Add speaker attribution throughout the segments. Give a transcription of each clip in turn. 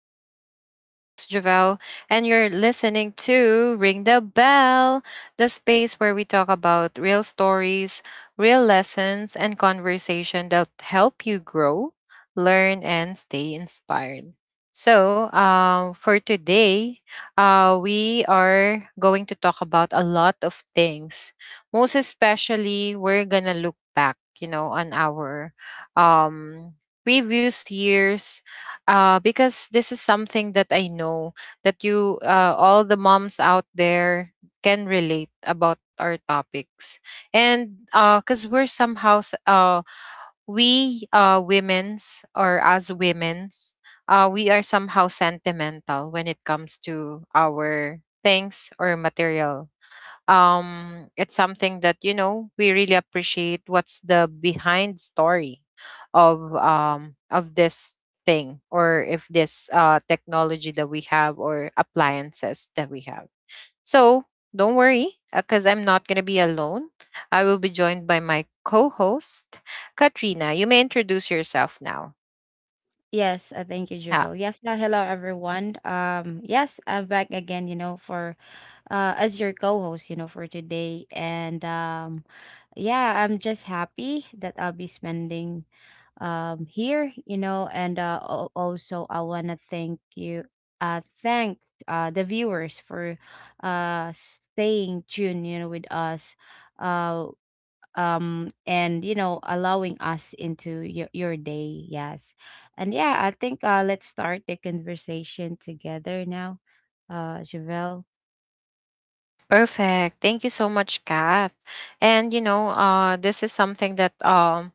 Speaker 1: show. I'm your host, Javel, and you're listening to Ring the Bell, the space where we talk about real stories, real lessons, and conversation that help you grow, learn, and stay inspired. So, for today, we are going to talk about a lot of things. Most especially, we're gonna look back, you know, on our um previous years, because this is something that I know that you, all the moms out there, can relate about our topics. And because we're somehow, s- we women's or as women's, we are somehow sentimental when it comes to our things or material. It's something that, you know, we really appreciate what's the behind story of this thing, or if this technology that we have or appliances that we have. So don't worry, because I'm not going to be alone. I will be joined by my co-host Katrina. You may introduce yourself now.
Speaker 2: Yes, thank you,
Speaker 1: Yeah,
Speaker 2: Javel. Yes, hello everyone. Yes, I'm back again, you know, for as your co-host, you know, for today. And yeah, I'm just happy that I'll be spending here, you know, and also I want to thank you, thank the viewers for staying tuned, you know, with us. Uh and allowing us into your day. Yes. And I think, let's start the conversation together now, Javelle.
Speaker 1: perfect, thank you so much, Kath. And you know, this is something that,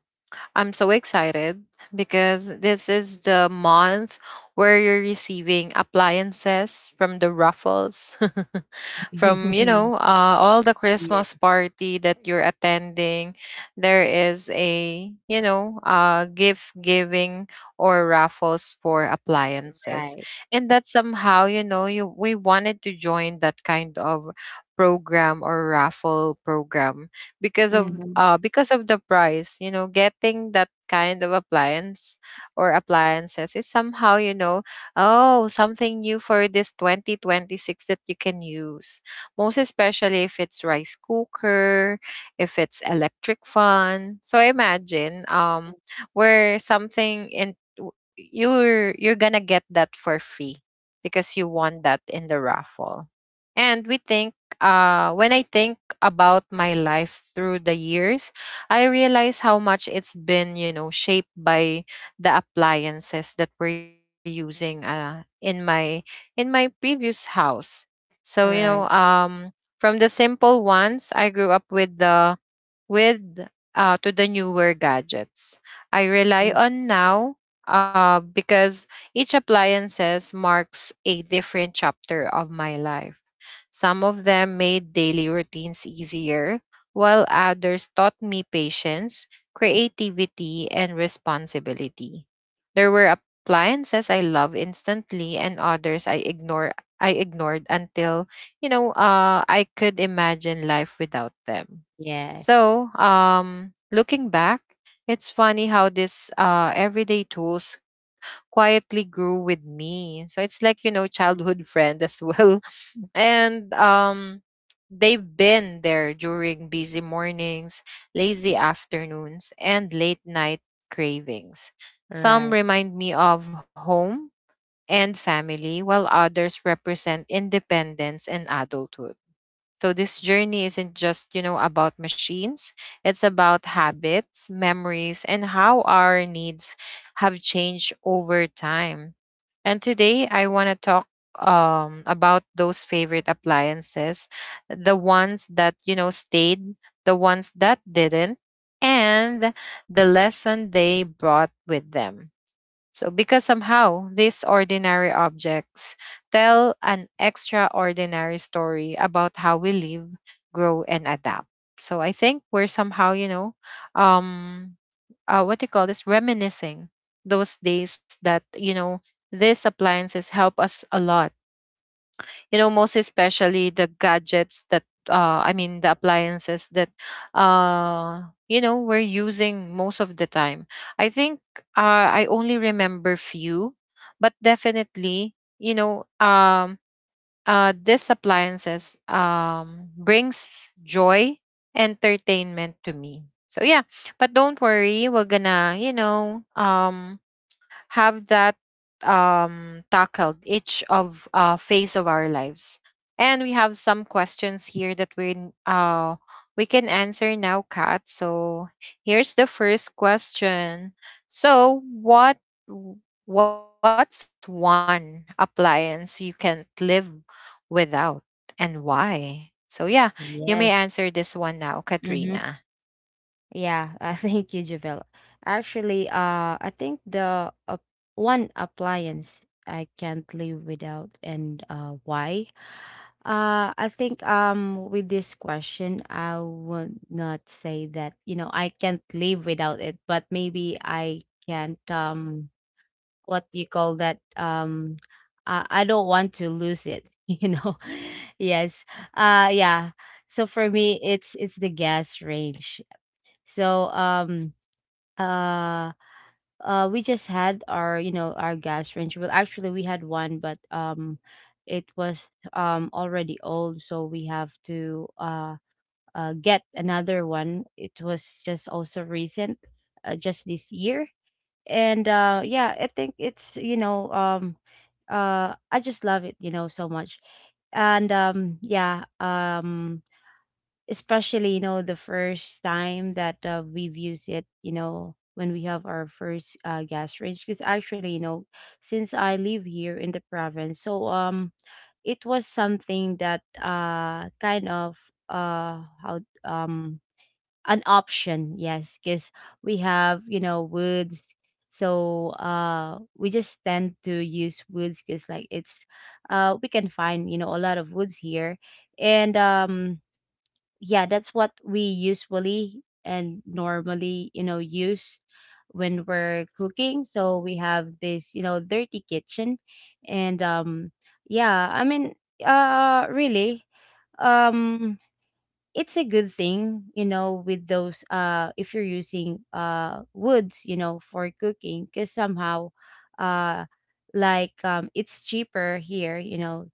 Speaker 1: I'm so excited because this is the month where you're receiving appliances from the Ruffles. From, you know, all the
Speaker 2: Yeah.
Speaker 1: Christmas party that you're attending, there is a, you know, gift giving or raffles for appliances.
Speaker 2: Right.
Speaker 1: And that somehow, you know, you we wanted to join that kind of program or raffle program because
Speaker 2: Mhm.
Speaker 1: of the price, you know, getting that kind of appliance or appliances is somehow, you know, oh, something new for this 2026 that you can use, most especially if it's rice cooker, if it's electric fan. So imagine, where something in w- you're gonna get that for free because you won that in the raffle. And we think, when I think about my life through the years, I realize how much it's been, you know, shaped by the appliances that we're using in my previous house. So, you know,
Speaker 2: Right.
Speaker 1: from the simple ones, I grew up with, to the newer gadgets I
Speaker 2: Mm.
Speaker 1: rely on now, because each appliances marks a different chapter of my life. Some of them made daily routines easier, while others taught me patience, creativity, and responsibility. There were appliances I love instantly and others I ignored until, you know, I could imagine life without them.
Speaker 2: Yes.
Speaker 1: So, looking back, it's funny how these everyday tools quietly grew with me. So it's like, you know,
Speaker 2: Mm.
Speaker 1: childhood friend as well, and they've been there during busy mornings, lazy afternoons, and late night cravings. Some
Speaker 2: Right.
Speaker 1: remind me of home and family, while others represent independence and adulthood. So this journey isn't just, you know, about machines. It's about habits, memories, and how our needs have changed over time. And today I want to talk about those favorite appliances, the ones that, you know, stayed, the ones that didn't, and the lesson they brought with them. So, because somehow these ordinary objects tell an extraordinary story about how we live, grow, and adapt. So, I think we're somehow, you know, um, what do you call this? Reminiscing those days that, you know, these appliances help us a lot, you know, most especially the gadgets that, I mean the appliances that, uh you know, we're using most of the time. I think, I only remember few, but definitely, you know, these appliances brings joy, entertainment to me, so yeah. But don't worry, we're gonna, you know, have that, tackled each of, phase of our lives, and we have some questions here that we, uh, we can answer now, Kat. So here's the first question. So w- what's one appliance you can't live without, and why? So yeah, you may answer this
Speaker 2: Yes.
Speaker 1: one now, Katrina.
Speaker 2: Mhm. Yeah, thank you, Javel. Actually, I think the one appliance I can't live without, and why? I think with this question, I would not say that, you know, I can't live without it, but maybe I can't. What you call that? I don't want to lose it, you know. Yes. Yeah. So for me, it's the gas range. So uh we just had our you know our gas range. Well actually we had one, but it was already old, so we have to get another one. It was just also recent, just this year. And yeah, I think it's you know I just love it, you know, so much. And yeah, especially, you know, the first time that, we've used it, you know, when we have our first, gas range. Because actually, you know, since I live here in the province. It was something that, kind of, how an option. Yes, because we have, you know, woods. So we just tend to use woods, because like it's we can find, you know, a lot of woods here. And yeah, that's what we usually and normally, you know, use when we're cooking. So we have this, you know, dirty kitchen. And yeah, I mean, really. Um it's a good thing, you know, with those, if you're using, woods, you know, for cooking, because somehow, uh like, it's cheaper here, you know.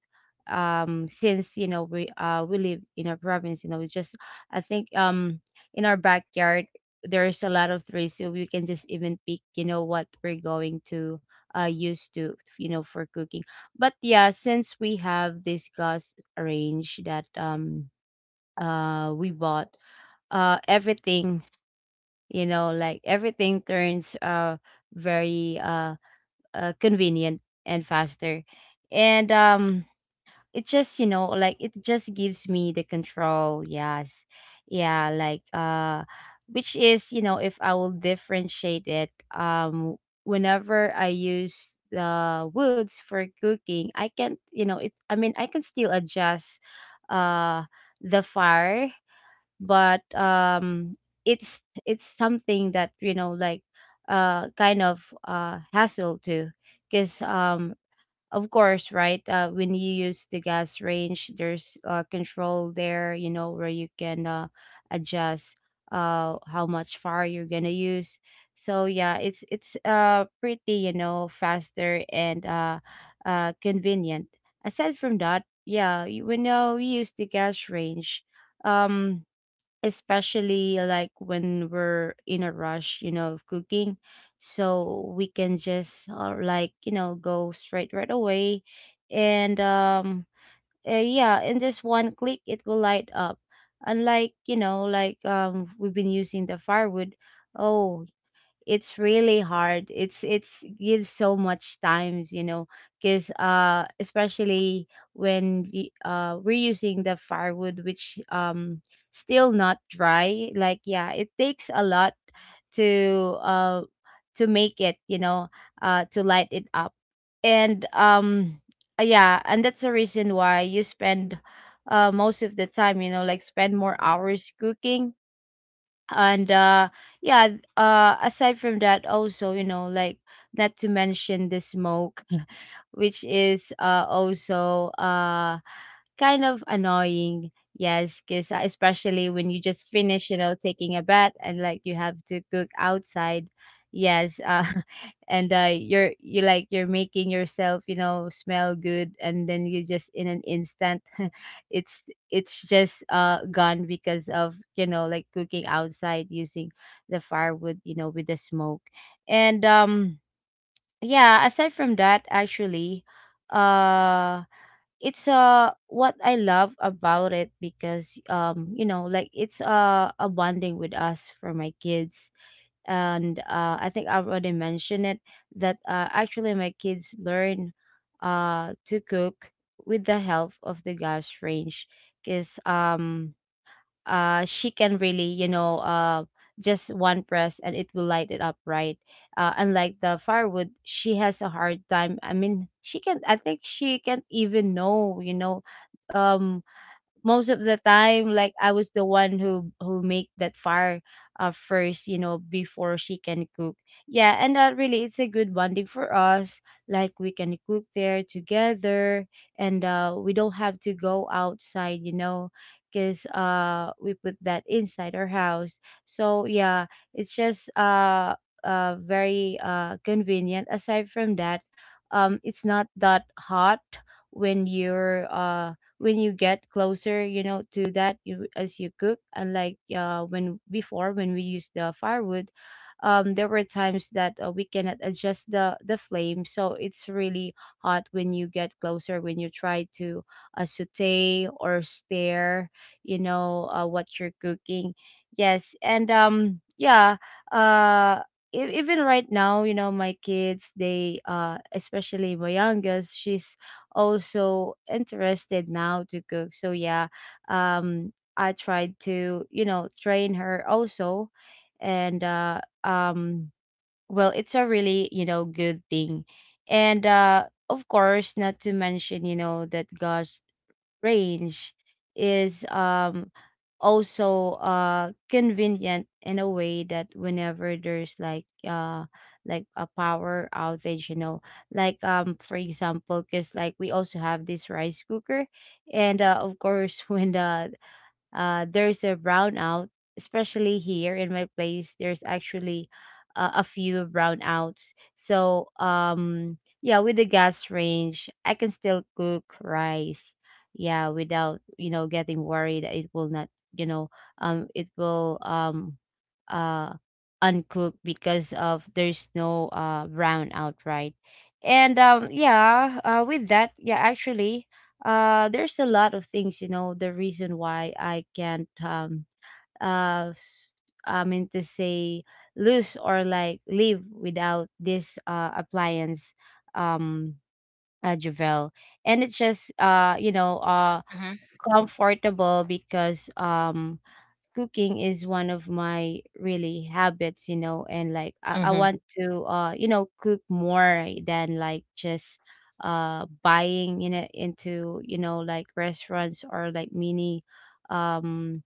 Speaker 2: Since, you know, we live in a province. You know, it's just, I think, in our backyard there's a lot of trees. So we can just even pick, you know, what we're going to use to, you know, for cooking. But yeah, since we have this gas range, that, we bought, everything, you know, like everything turns, very, convenient and faster. And it just, you know, like it just gives me the control. Yes. Yeah, like, which is, you know, if I will differentiate it, whenever I use the woods for cooking, I can you know it I mean I can still adjust uh the fire. But it's something that, you know, like, kind of, hassle too. Because, of course, right, when you use the gas range, there's control there, you know, where you can adjust how much fire you're gonna use. So yeah, it's pretty, you know, faster and, convenient, aside from that. Yeah, when, we use the gas range, um especially like when we're in a rush, you know, of cooking. So we can just, like, you know, go straight right away. And yeah, in just one click, it will light up. Unlike, you know, like, we've been using the firewood. Oh, it's really hard. It's gives so much times, you know. Because especially when, we're using the firewood which, still not dry, like yeah, it takes a lot to, to make it, you know, to light it up. And yeah, and that's the reason why you spend most of the time, you know, like spend more hours cooking. And yeah, aside from that also, you know, like not to mention the smoke, which is also kind of annoying. Yes, because especially when you just finish, you know, taking a bath, and like you have to cook outside. Yes. And you're making yourself, you know, smell good, and then you just, in an instant, it's it's just gone, because of, you know, like cooking outside using the firewood, you know, with the smoke. And yeah, aside from that actually, uh it's what I love about it, because you know, like it's a bonding with us, for my kids. And I think I already mentioned it, that actually my kids learn, to cook with the help of the gas range. Because she can really, you know, just one press and it will light it up, right. Unlike the firewood, she has a hard time. I mean, she can I think she can't even, know, you know. um Most of the time, like I was the one who make that fire, first, you know, before she can cook. Yeah, and that really, it's a good bonding for us, like we can cook there together. And we don't have to go outside, you know, because we put that inside our house. So yeah, it's just very convenient. Aside from that, it's not that hot when you're when you get closer, you know, to that you, as you cook. Unlike, when before when we used the firewood, there were times that, we cannot adjust the flame, so it's really hot when you get closer. When you try to, saute or stir, you know, what you're cooking. Yes, and yeah, uh even right now, you know, my kids, they, especially my youngest, she's also interested now to cook. So yeah, um I tried to, you know, train her also. And well, it's a really, you know, good thing. And of course, not to mention, you know, that gosh range is also convenient, in a way that whenever there's like, like a power outage, you know. Like for example, because like we also have this rice cooker. And of course, when there's a brownout, especially here in my place. There's actually, a few brownouts. So, yeah, with the gas range, I can still cook rice. Yeah, without, you know, getting worried that it will not, you know, it will, uh uncooked, because of there's no brown outright. And yeah, with that, yeah actually, there's a lot of things, you know, the reason why I can't, uh s- I mean to say, lose or like live without this appliance, um Javel. And it's just, you know,
Speaker 1: Mm-hmm.
Speaker 2: comfortable, because cooking is one of my really habits, you know, and like I
Speaker 1: Mm-hmm.
Speaker 2: want to, you know, cook more than like just buying, you know, into, you know, like restaurants, or like mini um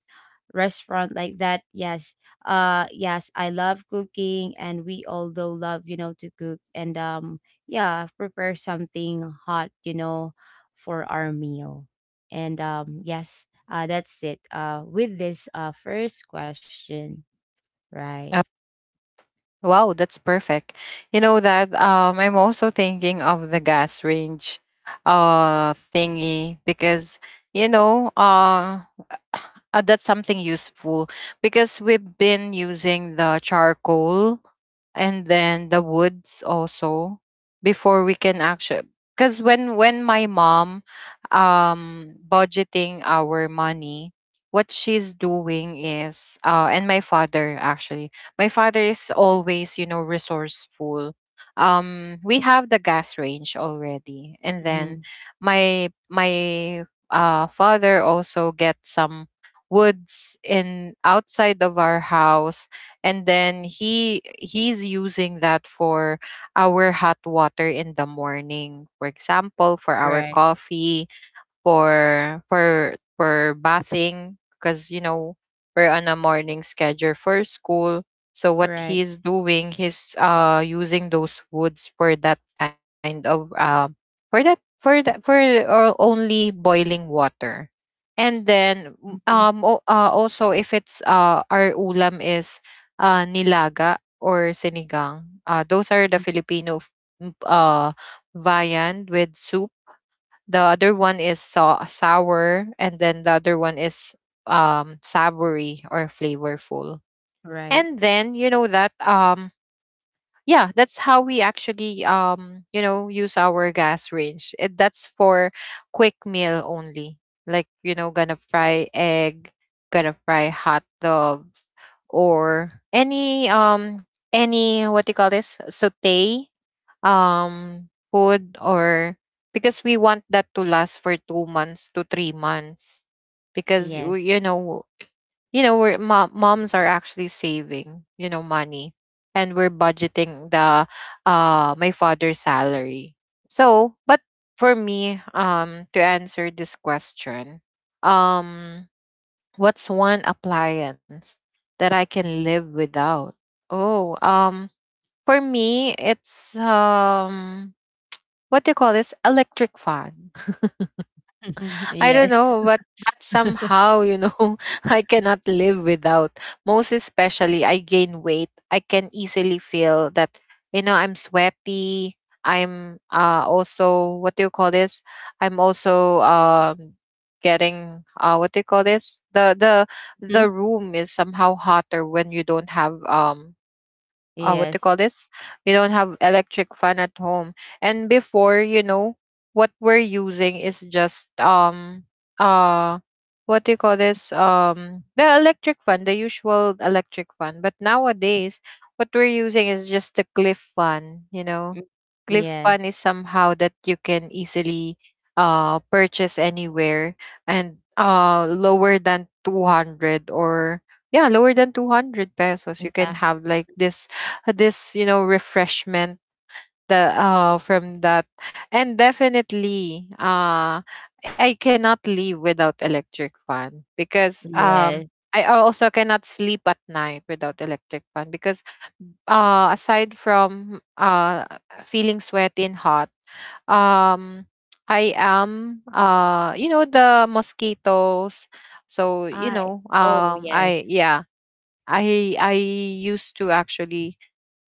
Speaker 2: restaurant like that. Yes. Yes, I love cooking, and we although love, you know, to cook. And yeah, prepare something hot, you know, for our meal. And yes, that's it, with this first question, right.
Speaker 1: Wow, that's perfect. You know that, I'm also thinking of the gas range thingy, because you know, that's something useful because we've been using the charcoal and then the woods also before we can actually, because when my mom budgeting our money, what she's doing is, and my father actually, my father is always, you know, resourceful. We have the gas range already, and then
Speaker 2: Hmm.
Speaker 1: my father also gets some woods in outside of our house, and then he's using that for our hot water in the morning. For example, for our
Speaker 2: Right.
Speaker 1: coffee, for bathing, because you know we're on a morning schedule for school. So what
Speaker 2: Right.
Speaker 1: he's doing, he's using those woods for that kind of, for that for that for only boiling water. And then
Speaker 2: Hmm.
Speaker 1: also, if it's, our ulam is, nilaga or sinigang. Uh, those are the Filipino m- uh viand with soup. The other one is sour, and then the other one is savory or flavorful.
Speaker 2: Right.
Speaker 1: And then you know that, yeah, that's how we actually, you know, use our gas range. It, that's for quick meal only. Like, you know, gonna fry egg, gonna fry hot dogs, or any any, what do you call this, saute food, or because we want that to last for 2 months to 3 months, because
Speaker 2: Yes.
Speaker 1: you know, you know we're moms are actually saving, you know, money, and we're budgeting the, my father's salary. So but for me, to answer this question, um what's one appliance that I can live without? Oh, for me, it's, what do you call this? Electric fan. I don't
Speaker 2: Yes.
Speaker 1: know, but that somehow, you know, I cannot live without. Most especially, I gain weight. I can easily feel that, you know, I'm sweaty. I'm also, what do you call this? I'm also getting, what do you call this? The
Speaker 2: Hmm.
Speaker 1: room is somehow hotter when you don't have, what they call
Speaker 2: Yes.
Speaker 1: this? We don't have electric fan at home. And before, you know, what we're using is just, uh what do you call this? Um, the electric fan, the usual electric fan. But nowadays, what we're using is just the cliff fan, you know.
Speaker 2: Mm.
Speaker 1: Cliff
Speaker 2: Yes.
Speaker 1: fan is somehow that you can easily purchase anywhere, and lower than 200, or yeah, lower than 200 pesos. You can
Speaker 2: Yeah.
Speaker 1: have like this you know refreshment, the from that. And definitely, I cannot live without electric fan, because
Speaker 2: Yes.
Speaker 1: I also cannot sleep at night without electric fan, because aside from, feeling sweaty and hot, um I am, you know, the mosquitoes, so you
Speaker 2: I
Speaker 1: know,
Speaker 2: Oh,
Speaker 1: I,
Speaker 2: yes.
Speaker 1: yeah, I used to actually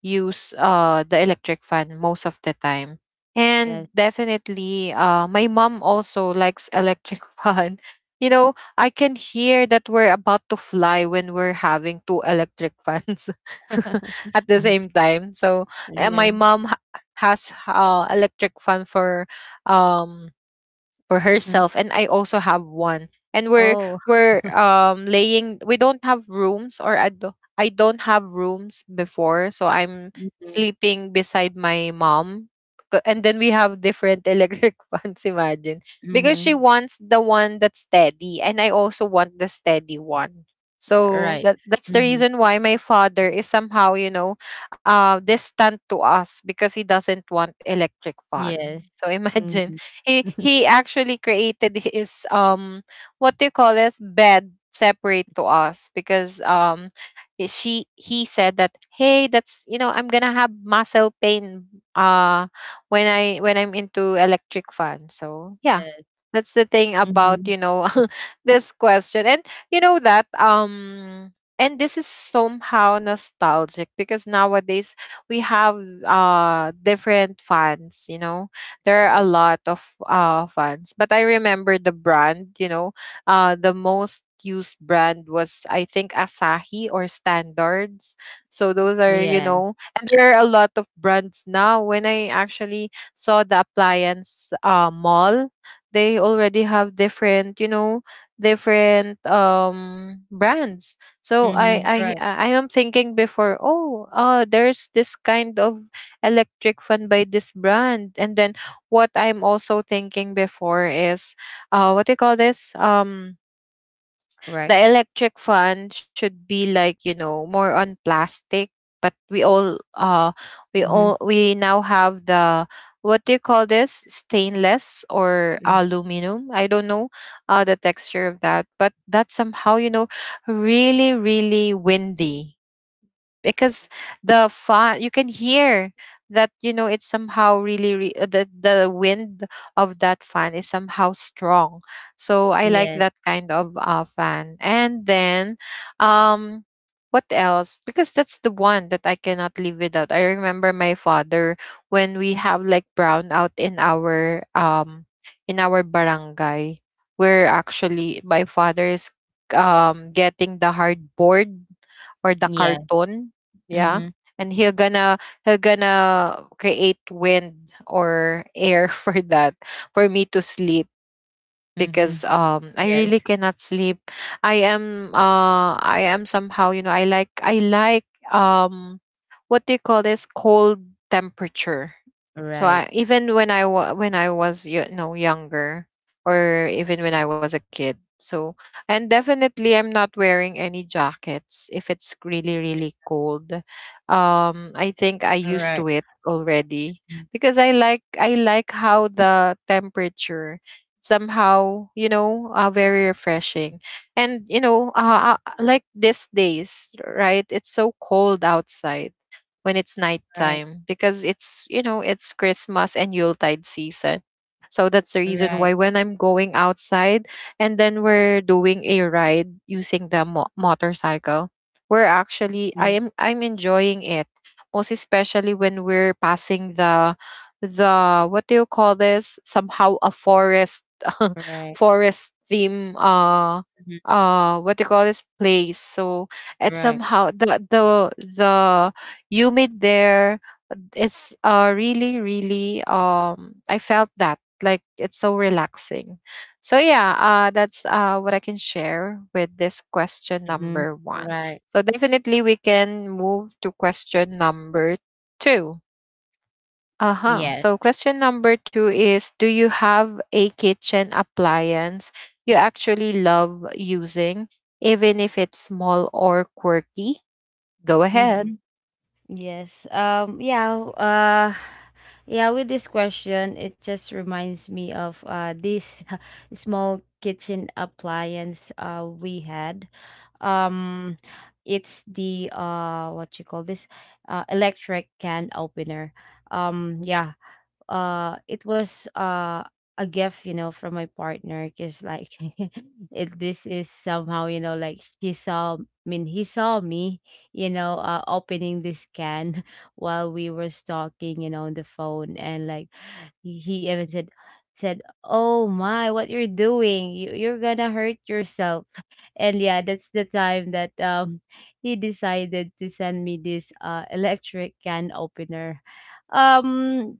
Speaker 1: use, the electric fan most of the time. And
Speaker 2: Yes.
Speaker 1: definitely, my mom also likes electric fan. You know, I can hear that we're about to fly when we're having two electric fans at the same time. So and my
Speaker 2: Yes.
Speaker 1: mom has, electric fan for, um for
Speaker 2: Mhm.
Speaker 1: herself, and I also have one. And we're,
Speaker 2: Oh,
Speaker 1: laying, we don't have rooms, or I do, I don't have rooms before, so I'm
Speaker 2: mhm,
Speaker 1: sleeping beside my mom. And then we have different electric fans, imagine. Because she
Speaker 2: mhm.
Speaker 1: wants the one that's steady and I also want the steady one. So
Speaker 2: Right.
Speaker 1: that's the
Speaker 2: Mhm.
Speaker 1: reason why my father is somehow, you know, distant to us because he doesn't want electric fan.
Speaker 2: Yes.
Speaker 1: So imagine,
Speaker 2: Mhm.
Speaker 1: he actually created his, what do you call this, bed separate to us, because I- she he said that, hey, that's, you know, I'm gonna have muscle pain, uh when I'm into electric fan, so yeah,
Speaker 2: Yes.
Speaker 1: that's the thing about,
Speaker 2: Mhm.
Speaker 1: you know, this question. And you know that, and this is somehow nostalgic because nowadays we have, different fans, you know, there are
Speaker 2: Right.
Speaker 1: a lot of fans, but I remember the brand, you know, the most used brand was, I think, Asahi or Standards. So those are, you
Speaker 2: Yeah.
Speaker 1: know, and there are a lot of brands now. When I actually saw the appliance, mall, they already have different, you know, different brands, so
Speaker 2: Mhm. Right.
Speaker 1: I am thinking before, oh, there's this kind of electric fan by this brand. And then what I'm also thinking before is, what do you call this? Um, the
Speaker 2: Right.
Speaker 1: electric fan should be like, you know, more on plastic, but
Speaker 2: Mhm.
Speaker 1: we now have the, what do you call this? Stainless or
Speaker 2: Mm.
Speaker 1: aluminum. I don't know the texture of that, but that's somehow, you know, really, really windy because the fun you can hear that, you know, it's somehow the wind of that fan is somehow strong, so I like
Speaker 2: Yes.
Speaker 1: that kind of fan. And then um what else, because that's the one that I cannot live without. I remember my father, when we have like brownout in our barangay, where actually my father is getting the hardboard or the
Speaker 2: Yeah.
Speaker 1: carton, yeah,
Speaker 2: Mhm.
Speaker 1: and he'll gonna create wind or air for that, for me to sleep,
Speaker 2: Mhm.
Speaker 1: because I really
Speaker 2: Yes.
Speaker 1: cannot sleep. I am somehow, you know, I like um what do you call this, cold temperature. So
Speaker 2: Right.
Speaker 1: I, even when I when I was, you know, younger, or even when I was a kid. So and definitely I'm not wearing any jackets if it's really, really cold. I think I used
Speaker 2: Right.
Speaker 1: to it already,
Speaker 2: Mm.
Speaker 1: because I like how the temperature, somehow, you know, very refreshing. And you know, like these days, right, it's so cold outside when it's
Speaker 2: Right.
Speaker 1: nighttime, because it's, you know, it's Christmas and Yuletide season. So that's the reason
Speaker 2: Right.
Speaker 1: why when I'm going outside and then we're doing a ride using the motorcycle, we're actually,
Speaker 2: Mm.
Speaker 1: I'm enjoying it, most especially when we're passing the what do you call this, somehow a forest,
Speaker 2: Right.
Speaker 1: forest theme,
Speaker 2: Mhm.
Speaker 1: what do you call this place. So it's
Speaker 2: Right.
Speaker 1: somehow the humid there. It's really, really, I felt that. Like, it's so relaxing. So, yeah, that's what I can share with this question
Speaker 2: Mhm.
Speaker 1: number one.
Speaker 2: Right.
Speaker 1: So, definitely, we can move to question number two. Uh huh.
Speaker 2: Yes.
Speaker 1: So, question number two is, do you have a kitchen appliance you actually love using, even if it's small or quirky? Go ahead.
Speaker 2: Mhm. Yes. Yeah, yeah, with this question, it just reminds me of this small kitchen appliance we had. Um it's the, what you call this, electric can opener. Yeah, it was a gift, you know, from my partner, because like this is somehow, you know, like she saw I mean, he saw me, you know, opening this can, while we were talking, you know, on the phone. And like he even said, oh my, what you're doing, you're gonna hurt yourself. And yeah, that's the time that he decided to send me this electric can opener. um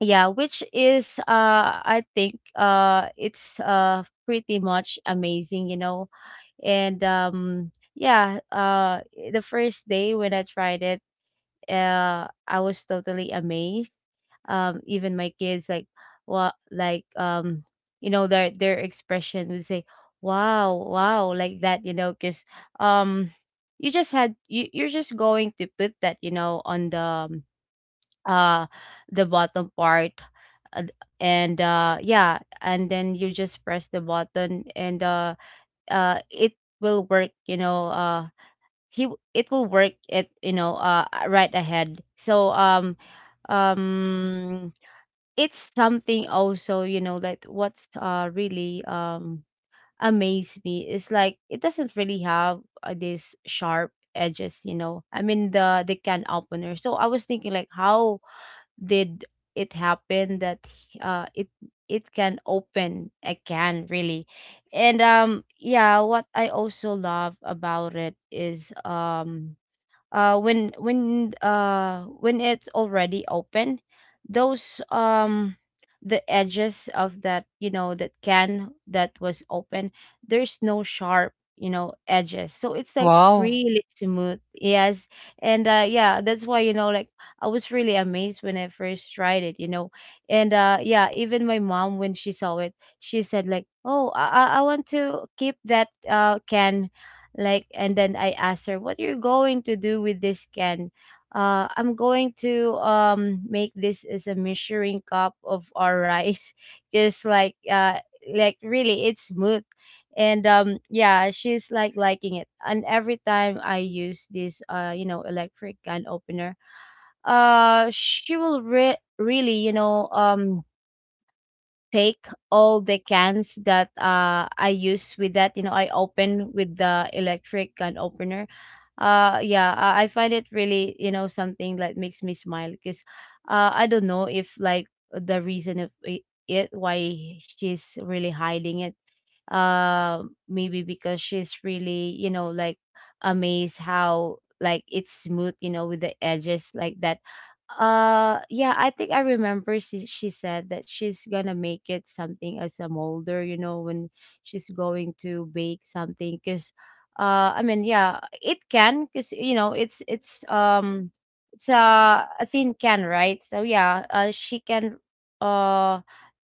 Speaker 2: yeah, which is, I think, it's pretty much amazing, you know. And yeah, the first day when I tried it, I was totally amazed. Even my kids, like, what, like, you know, their expression would say wow, wow, like that, you know, cuz um you just had you you're just going to put that, you know, on uh the bottom part, uh, and yeah, and then you just press the button and it will work, you know. It will work, it you know, right ahead. So um um it's something also, you know, that what's really amazed me is, like, it doesn't really have, this sharp edges, you know, I mean the can opener, so I was thinking, like, how did it happen that uh it it can open again, really? And yeah, what I also love about it is when when it's already open, those the edges of that, you know, that can that was open, there's no sharp, you know, edges, so it's like
Speaker 1: Wow.
Speaker 2: really smooth, yes. And yeah, that's why, you know, like, I was really amazed when I first tried it, you know. And yeah, even my mom, when she saw it, she said, like, "Oh, I want to keep that can." And then I asked her, "What you're going to do with this can?" "I'm going to make this as a measuring cup of our rice." Just like, really, it's smooth. And yeah, she's like liking it, and every time I use this you know, electric can opener, she will really, you know, take all the cans that I use with that, you know, I open with the electric can opener. Yeah, I find it really, you know, something that makes me smile because I don't know if, like, the reason of it why she's really hiding it. uh Maybe because she's really, you know, like, amazed how, like, it's smooth, you know, with the edges like that. Yeah, I think I remember she said that she's gonna make it something as a molder, you know, when she's going to bake something, because yeah, it can, because, you know, it's it's a thin can, right? So yeah, she can uh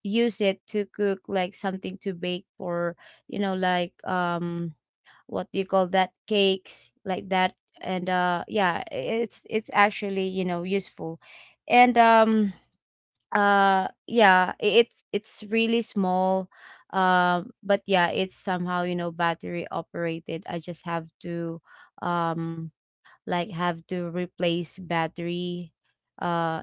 Speaker 2: use it to cook, like, something to bake for, you know, like, what do you call that, cakes like that. And yeah, it's actually, you know, useful. And yeah, it's really small. But yeah, it's somehow, you know, battery operated. I just have to um like, have to replace battery uh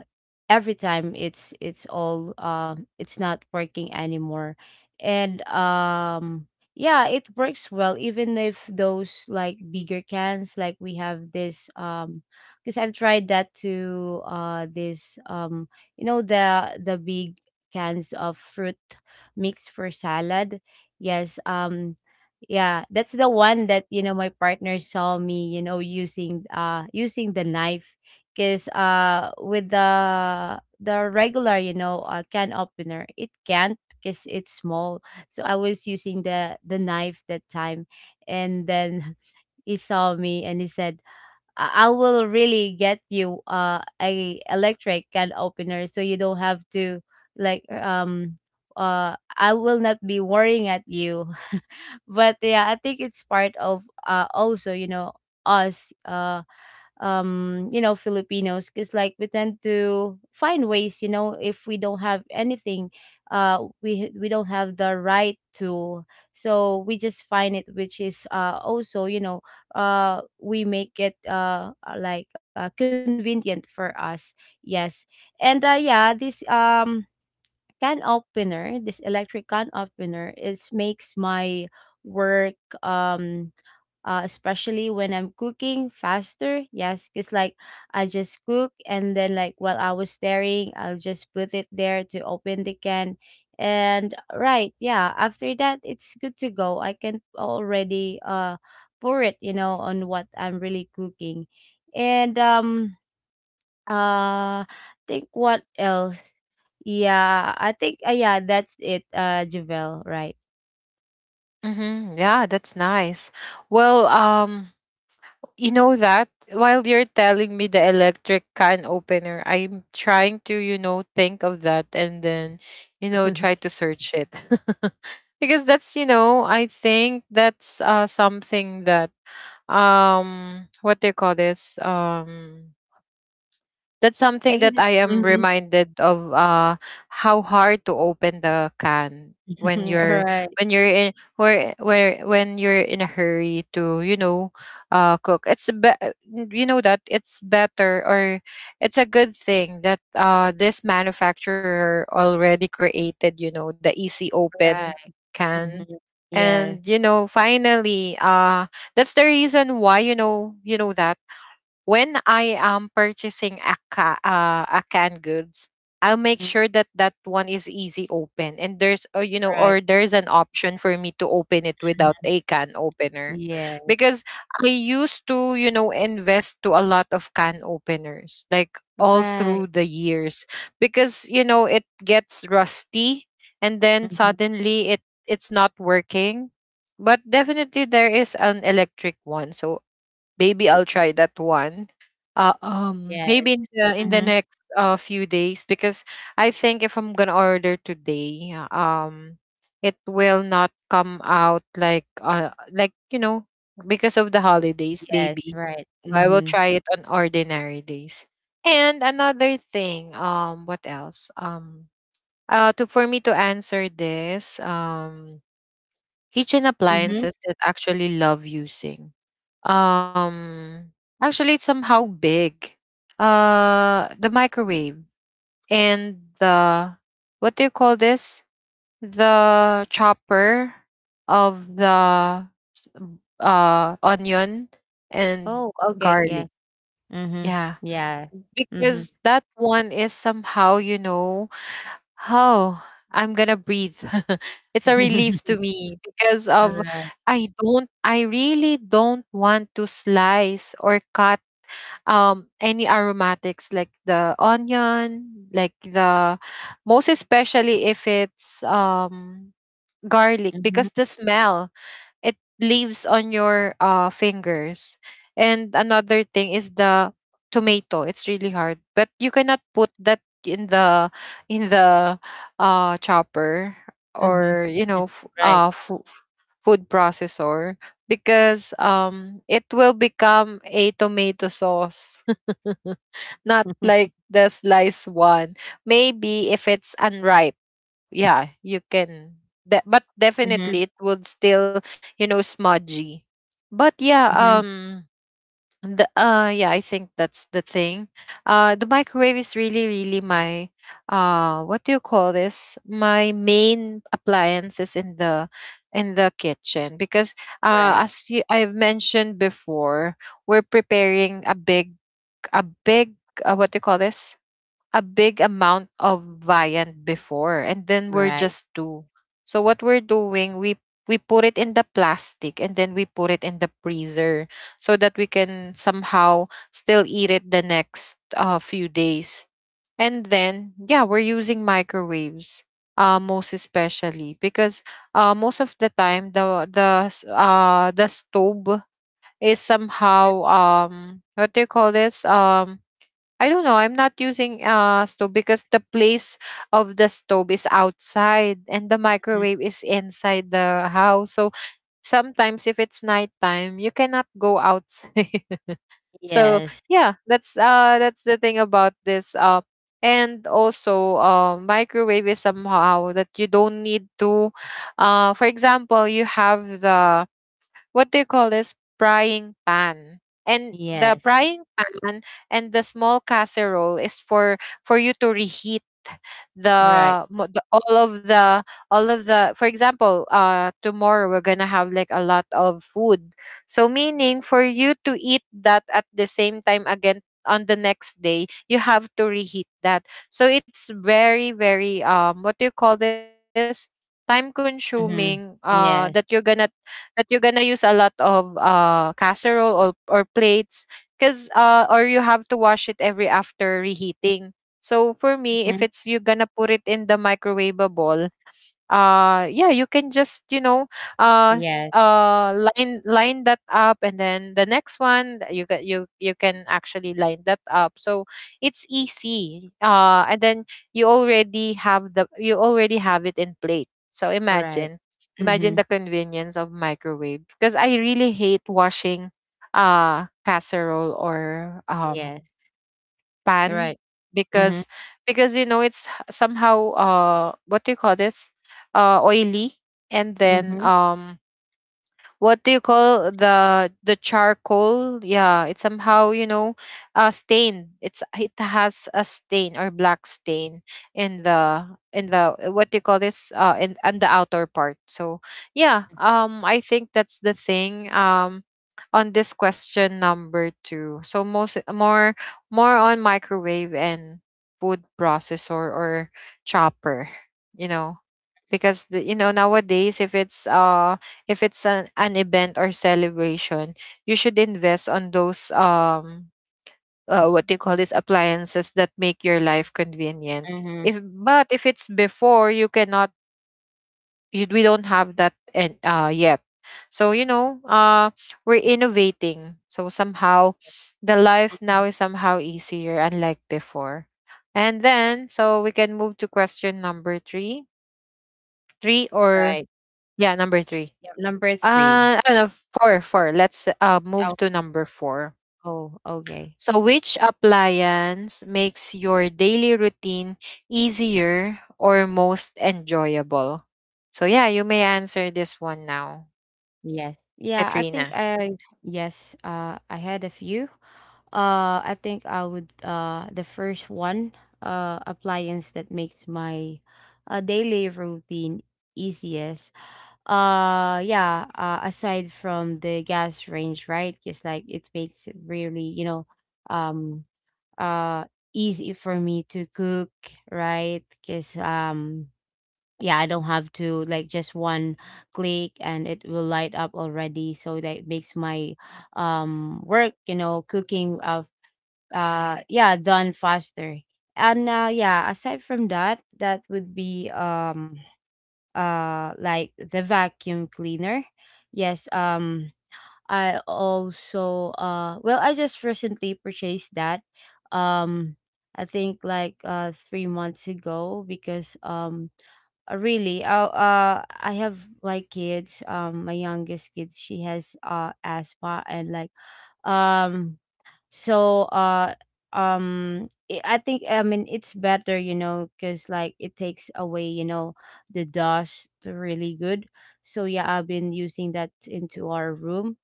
Speaker 2: every time it's all it's not working anymore. And yeah, it works well even if those, like, bigger cans, like, we have this, because I've tried that to this, you know, the big cans of fruit mix for salad. Yes. Yeah, that's the one that, you know, my partner saw me, you know, using using the knife because with the regular, you know, can opener, it can't because it's small. So I was using the knife that time, and then he saw me, and he said, "I will really get you a electric can opener so you don't have to, like, I will not be worrying at you." But yeah, I think it's part of also, you know, us, you know, Filipinos, because, like, we tend to find ways, you know, if we don't have anything, we don't have the right tool. So we just find it, which is also, you know, we make it like, convenient for us. Yes. And yeah, this can opener, this electric can opener, it makes my work um especially when I'm cooking, faster. Yes, because, like, I just cook and then, like, while I was staring, I'll just put it there to open the can. And right, yeah, after that it's good to go. I can already pour it, you know, on what I'm really cooking. And uh think, what else? Yeah, I think yeah, that's it, Javel, right?
Speaker 1: Mm-hmm. Yeah, that's nice. Well, you know that, while you're telling me the electric can opener, I'm trying to, you know, think of that, and then, you know, try to search it. Because that's, you know, I think that's something that, what do you call this? That's something
Speaker 2: Like, is
Speaker 1: that
Speaker 2: it?
Speaker 1: I am
Speaker 2: Mhm.
Speaker 1: reminded of, how hard to open the can when you're,
Speaker 2: Right,
Speaker 1: when you're in where when you're in a hurry to, you know, cook. It's you know that it's better, or it's a good thing that this manufacturer already created, you know, the easy
Speaker 2: right.
Speaker 1: open can.
Speaker 2: Hmm. Yes.
Speaker 1: And you know, finally, that's the reason why, you know, you know that when I am purchasing a a canned goods, I'll make
Speaker 2: Hmm.
Speaker 1: sure that that one is easy open and there's, or you know,
Speaker 2: Right.
Speaker 1: or there's an option for me to open it without
Speaker 2: Hmm.
Speaker 1: a can opener,
Speaker 2: Yeah.
Speaker 1: because I used to, you know, invest to a lot of can openers, like, all
Speaker 2: Right.
Speaker 1: through the years, because you know it gets rusty and then
Speaker 2: Hmm.
Speaker 1: suddenly it, it's not working. But definitely there is an electric one, so maybe I'll try that one.
Speaker 2: Yes.
Speaker 1: Maybe in the
Speaker 2: Hmm.
Speaker 1: next few days, because I think if I'm gonna order today, it will not come out, like like, you know, because of the holidays.
Speaker 2: Yes.
Speaker 1: Maybe
Speaker 2: Right.
Speaker 1: so I will
Speaker 2: Hmm.
Speaker 1: try it on ordinary days. And another thing, what else? To, for me to answer this, kitchen
Speaker 2: Hmm.
Speaker 1: appliances that actually love using, um, actually, it's somehow big. The microwave, and the, what do you call this? The chopper of the, s- onion and
Speaker 2: Oh, okay.
Speaker 1: garlic.
Speaker 2: Yes. Hmm.
Speaker 1: Yeah,
Speaker 2: Yeah. Hmm.
Speaker 1: because that one is somehow, you know, how I'm gonna breathe. It's a relief to me because of,
Speaker 2: Right.
Speaker 1: I don't, I really don't want to slice or cut any aromatics, like the onion, like the, most especially if it's garlic,
Speaker 2: Hmm.
Speaker 1: because the smell it leaves on your fingers. And another thing is the tomato. It's really hard, but you cannot put that in the in the chopper,
Speaker 2: Hmm.
Speaker 1: or you know,
Speaker 2: Right.
Speaker 1: food processor, because it will become a tomato sauce, not like the slice one. Maybe if it's unripe, yeah, you can, but
Speaker 2: Hmm.
Speaker 1: definitely it would still, you know, smudgy. But yeah,
Speaker 2: Hmm.
Speaker 1: the, yeah, I think that's the thing. The microwave is really, really my, what do you call this, my main appliances in the kitchen, because
Speaker 2: Right.
Speaker 1: as you, I've mentioned before, we're preparing a big, a big what do you call this, a big amount of viand before, and then we're
Speaker 2: Right.
Speaker 1: just two. So what we're doing, we put it in the plastic and then we put it in the freezer, so that we can somehow still eat it the next few days. And then yeah, we're using microwaves. Most especially because most of the time the the stove is somehow what do you call this, I don't know. I'm not using stove, because the place of the stove is outside and the
Speaker 2: Mhm.
Speaker 1: microwave is inside the house. So sometimes if it's nighttime, you cannot go outside. So
Speaker 2: Yes.
Speaker 1: yeah, that's the thing about this. And also microwave is somehow that you don't need to, for example, you have the, what do you call this, frying pan. And
Speaker 2: Yes.
Speaker 1: the small casserole is for you to reheat
Speaker 2: Right.
Speaker 1: the, the all of the, for example, tomorrow we're gonna have like a lot of food, so meaning, for you to eat that at the same time again on the next day, you have to reheat that. So it's very, very, what do you call this, time consuming,
Speaker 2: Mhm.
Speaker 1: that you're gonna,
Speaker 2: Yes.
Speaker 1: use a lot of casserole or plates, because or you have to wash it every after reheating. So for me, if
Speaker 2: Mhm.
Speaker 1: it's, you're gonna put it in the microwavable, yeah, you can just, you know,
Speaker 2: Yes.
Speaker 1: line that up, and then the next one you can, you can actually line that up. So it's easy. And then you already have the, you already have it in plate. So
Speaker 2: Right.
Speaker 1: imagine, imagine
Speaker 2: Mhm.
Speaker 1: the convenience of microwave, because I really hate washing casserole or
Speaker 2: Yes.
Speaker 1: pan,
Speaker 2: Right. Mhm.
Speaker 1: because because you know it's somehow what do you call this? Oily, and then
Speaker 2: Mhm.
Speaker 1: what do you call the charcoal? Yeah, it's somehow, you know, stained. It's, it has a stain or black stain in the what do you call this? In and the outer part. So yeah, I think that's the thing. On this question number two, so most, more on microwave and food processor or chopper. You know, because the, you know, nowadays if it's an event or celebration, you should invest on those what do you call this, appliances that make your life convenient.
Speaker 2: Mhm.
Speaker 1: If, but if it's before, you cannot, we don't have that, and yet, so you know, we're innovating, so somehow the life now is somehow easier, unlike before. And then so we can move to question number three, three or
Speaker 2: Right.
Speaker 1: yeah, number three.
Speaker 2: Yep. Number 3.
Speaker 1: Ano, four, four. Let's move
Speaker 2: Oh,
Speaker 1: to number four.
Speaker 2: oh, okay.
Speaker 1: So, which appliance makes your daily routine easier or most enjoyable? So, yeah, you may answer this one now,
Speaker 2: Yes. Yeah, I think
Speaker 1: Katrina.
Speaker 2: I Yes, I had a few. I think I would, the first one, appliance that makes my daily routine easiest. Yeah, aside from the gas range, right? Just like it makes it really, you know, um uh easy for me to cook, right? Cuz yeah, I don't have to, like, just one click and it will light up already, so that makes my work, you know, cooking of yeah, done faster. And yeah, aside from that, that would be like, the vacuum cleaner. Yes. I also well, I just recently purchased that um I think like 3 months ago because really, I have my kids, my youngest kid, she has asthma, and, like, um so uh I think, I mean, it's better, you know, because, like, it takes away, you know, the dust really good. So yeah, I've been using that into our room.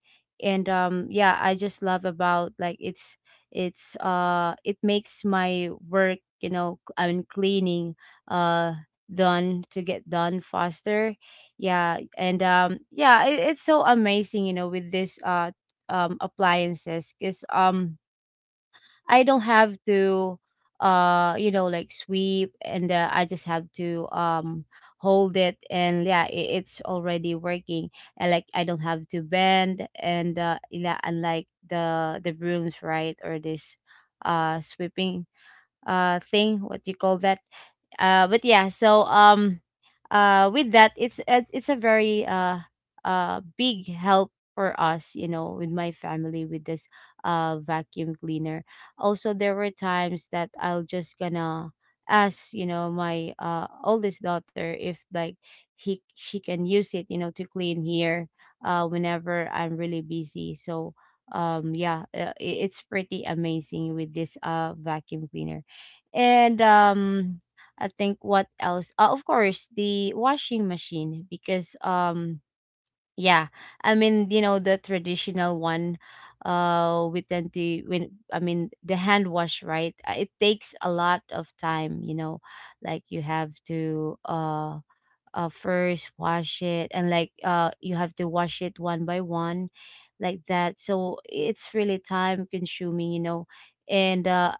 Speaker 2: And yeah, I just love about, like, it makes my work, you know, I mean cleaning uh done to get done faster. Yeah. And yeah, it's so amazing, you know, with this appliances, because I don't have to you know, like, sweep, and I just have to hold it, and yeah, it's already working. And, like, I don't have to bend. And yeah, unlike the brooms, right? Or this sweeping thing, what you call that. But yeah, so with that, it's a very big help for us, you know, with my family, with this vacuum cleaner. Also there were times that I'll just gonna ask, you know, my oldest daughter if, like, he she can use it, you know, to clean here whenever I'm really busy. So yeah, it's pretty amazing with this vacuum cleaner. And I think, what else? Of course, the washing machine, because yeah, I mean, you know, the traditional one, we tend to, when I mean the hand wash, right? It takes a lot of time, you know, like you have to first wash it, and, like, you have to wash it one by one, like that. So it's really time consuming, you know. And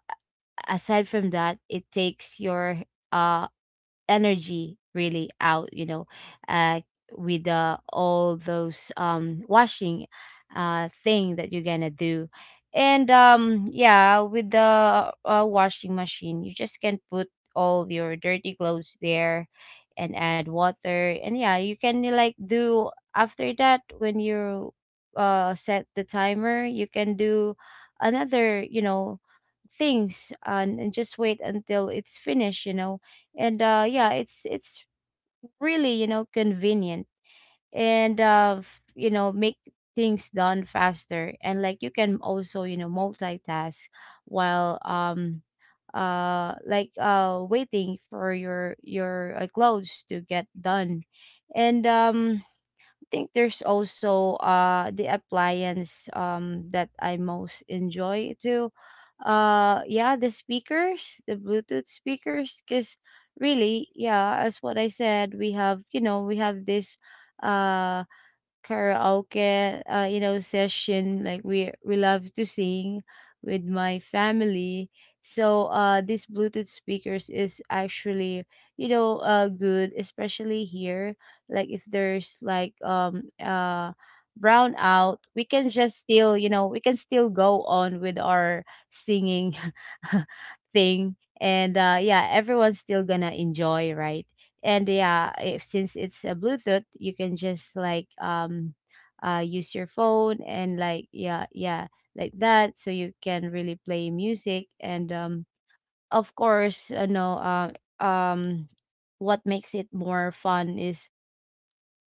Speaker 2: aside from that, it takes your uh energy really out, you know, uh with all those washing thing that you're gonna do. And yeah, with the washing machine, you just can put all your dirty clothes there and add water, and yeah, you can, like, do, after that, when you set the timer, you can do another, you know, things, and just wait until it's finished, you know. And yeah, it's really, you know, convenient, and you know, make things done faster. And, like, you can also, you know, multitask while like, waiting for your clothes to get done. And I think there's also the appliance, that I most enjoy too. Yeah, the Bluetooth speakers cuz really, yeah, as what I said, we have, we have this uh, karaoke session. Like we love to sing with my family, so these Bluetooth speakers is actually good, especially here. Like if there's like brownout, we can just still we can still go on with our singing thing. And yeah, everyone's still gonna enjoy, right? And yeah, if, since it's a Bluetooth, you can just like use your phone, and like yeah, yeah, like that. So you can really play music. And of course, um what makes it more fun is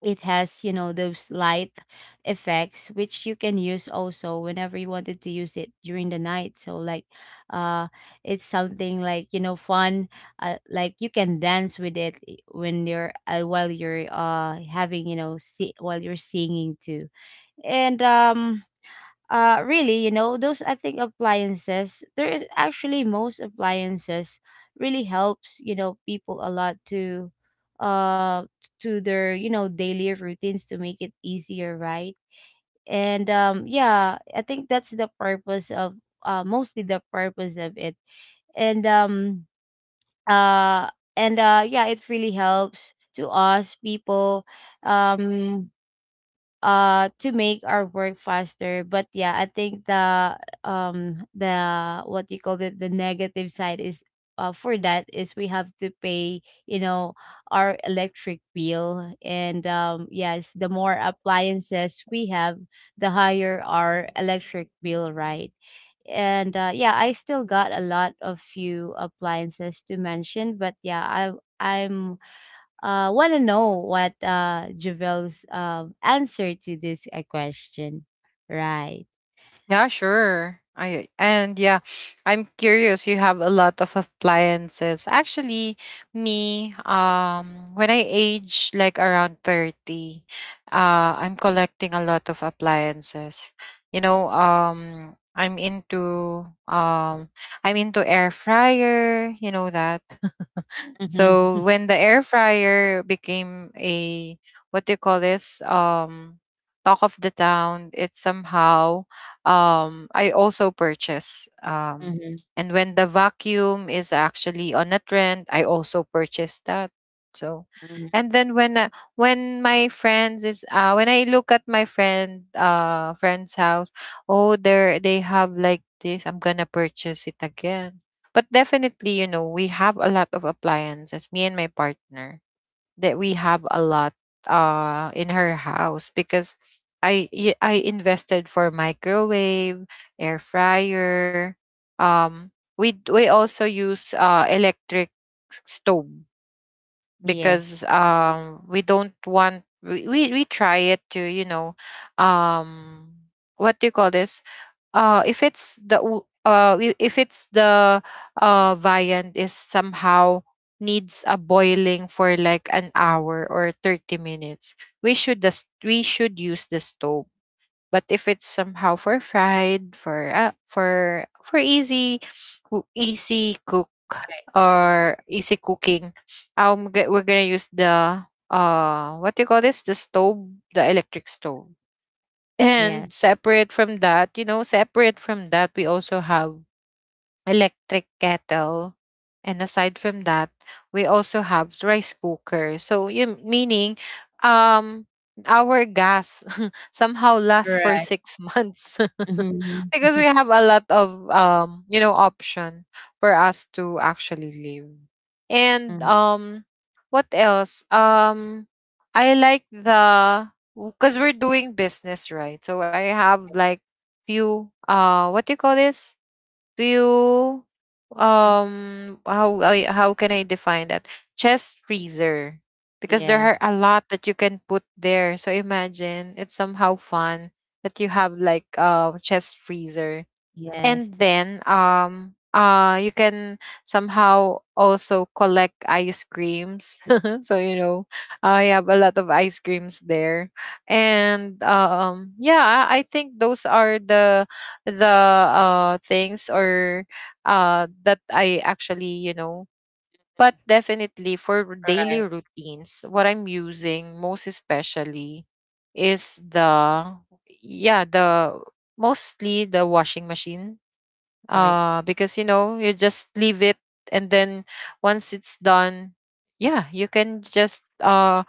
Speaker 2: it has those light effects, which you can use also whenever you wanted to use it during the night. So like uh it's something like fun. Like you can dance with it when you're while you're having you know see while you're singing too. And really, those, I think, appliances there is actually, most appliances really helps people a lot uh to their daily routines, to make it easier, right? And yeah, I think that's the purpose of mostly the purpose of it. And um uh and uh yeah, it really helps to us people, um to make our work faster. But yeah, I think the, um the what you call it, the negative side is, for that is we have to pay, you know our electric bill. And yes, the more appliances we have, the higher our electric bill, right? And yeah, I still got a lot of few appliances to mention, but yeah, I I'm want to know what Javel's answer to this question. Right.
Speaker 1: Yeah, sure. I and yeah, I'm curious. You have a lot of appliances. Actually, me, when I age like around 30, I'm collecting a lot of appliances. You know, I'm into air fryer. You know that,
Speaker 2: Mm-hmm.
Speaker 1: so when the air fryer became a, what do you call this? Talk of the town, it somehow, I also purchase,
Speaker 2: Mm-hmm.
Speaker 1: and when the vacuum is actually on a trend, I also purchase that. So,
Speaker 2: Hmm.
Speaker 1: and then when my friends is, when I look at my friend's house, oh, there they have like this, I'm gonna purchase it again. But definitely, you know, we have a lot of appliances, me and my partner, that we have a lot in her house, because I invested for microwave, air fryer. Um we we also use electric stove,
Speaker 2: Yes.
Speaker 1: because we don't want, we try it to, you know, um what do you call this? If it's the if it's the viand is somehow needs a boiling for like an hour or 30 minutes, we should just, we should use the stove. But if it's somehow for fried, for for easy easy cook
Speaker 2: Right.
Speaker 1: or easy cooking, we're gonna use the what do you call this, the stove, the electric stove.
Speaker 2: Yes.
Speaker 1: And separate from that, you know, separate from that, we also have electric kettle. And aside from that, we also have rice cooker. So, you meaning um our gas somehow
Speaker 2: Mhm.
Speaker 1: lasts for
Speaker 2: Right.
Speaker 1: 6 months
Speaker 2: Mm-hmm.
Speaker 1: because we have a lot of option for us to actually live. And
Speaker 2: Mm-hmm.
Speaker 1: what else? I like the Because we're doing business, right? So I have like few, what do you call this? Do you um how I, how can I define that? Chest freezer, because there
Speaker 2: Yes.
Speaker 1: are a lot that you can put there. So imagine, it's somehow fun that you have like a chest freezer.
Speaker 2: Yes.
Speaker 1: And then, you can somehow also collect ice creams. So, I have a lot of ice creams there. And, yeah, I think those are the things or that I actually you know but definitely, for daily
Speaker 2: Right.
Speaker 1: routines, what I'm using most especially is the, yeah, the mostly, the washing machine.
Speaker 2: Right.
Speaker 1: Because, you know, you just leave it. And then, once it's done, yeah, you can just, uh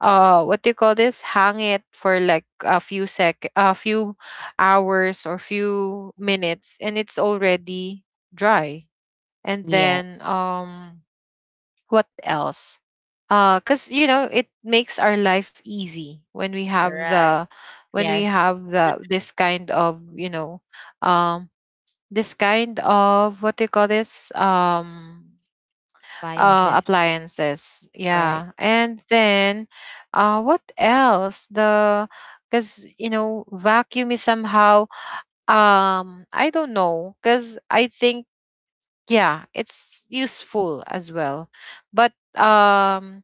Speaker 1: uh what do you call this, hang it for like a few hours or few minutes, and it's already dry. And
Speaker 2: Yes.
Speaker 1: then, what else? Cuz you know, it makes our life easy when we have
Speaker 2: Right.
Speaker 1: the, when we
Speaker 2: Yes.
Speaker 1: have the this kind of, you know, um this kind of, what do you call this,
Speaker 2: Appliances.
Speaker 1: appliances,
Speaker 2: Right.
Speaker 1: yeah. And then, what else? The Because, you know, vacuum is somehow, I don't know, because I think, yeah, it's useful as well. But,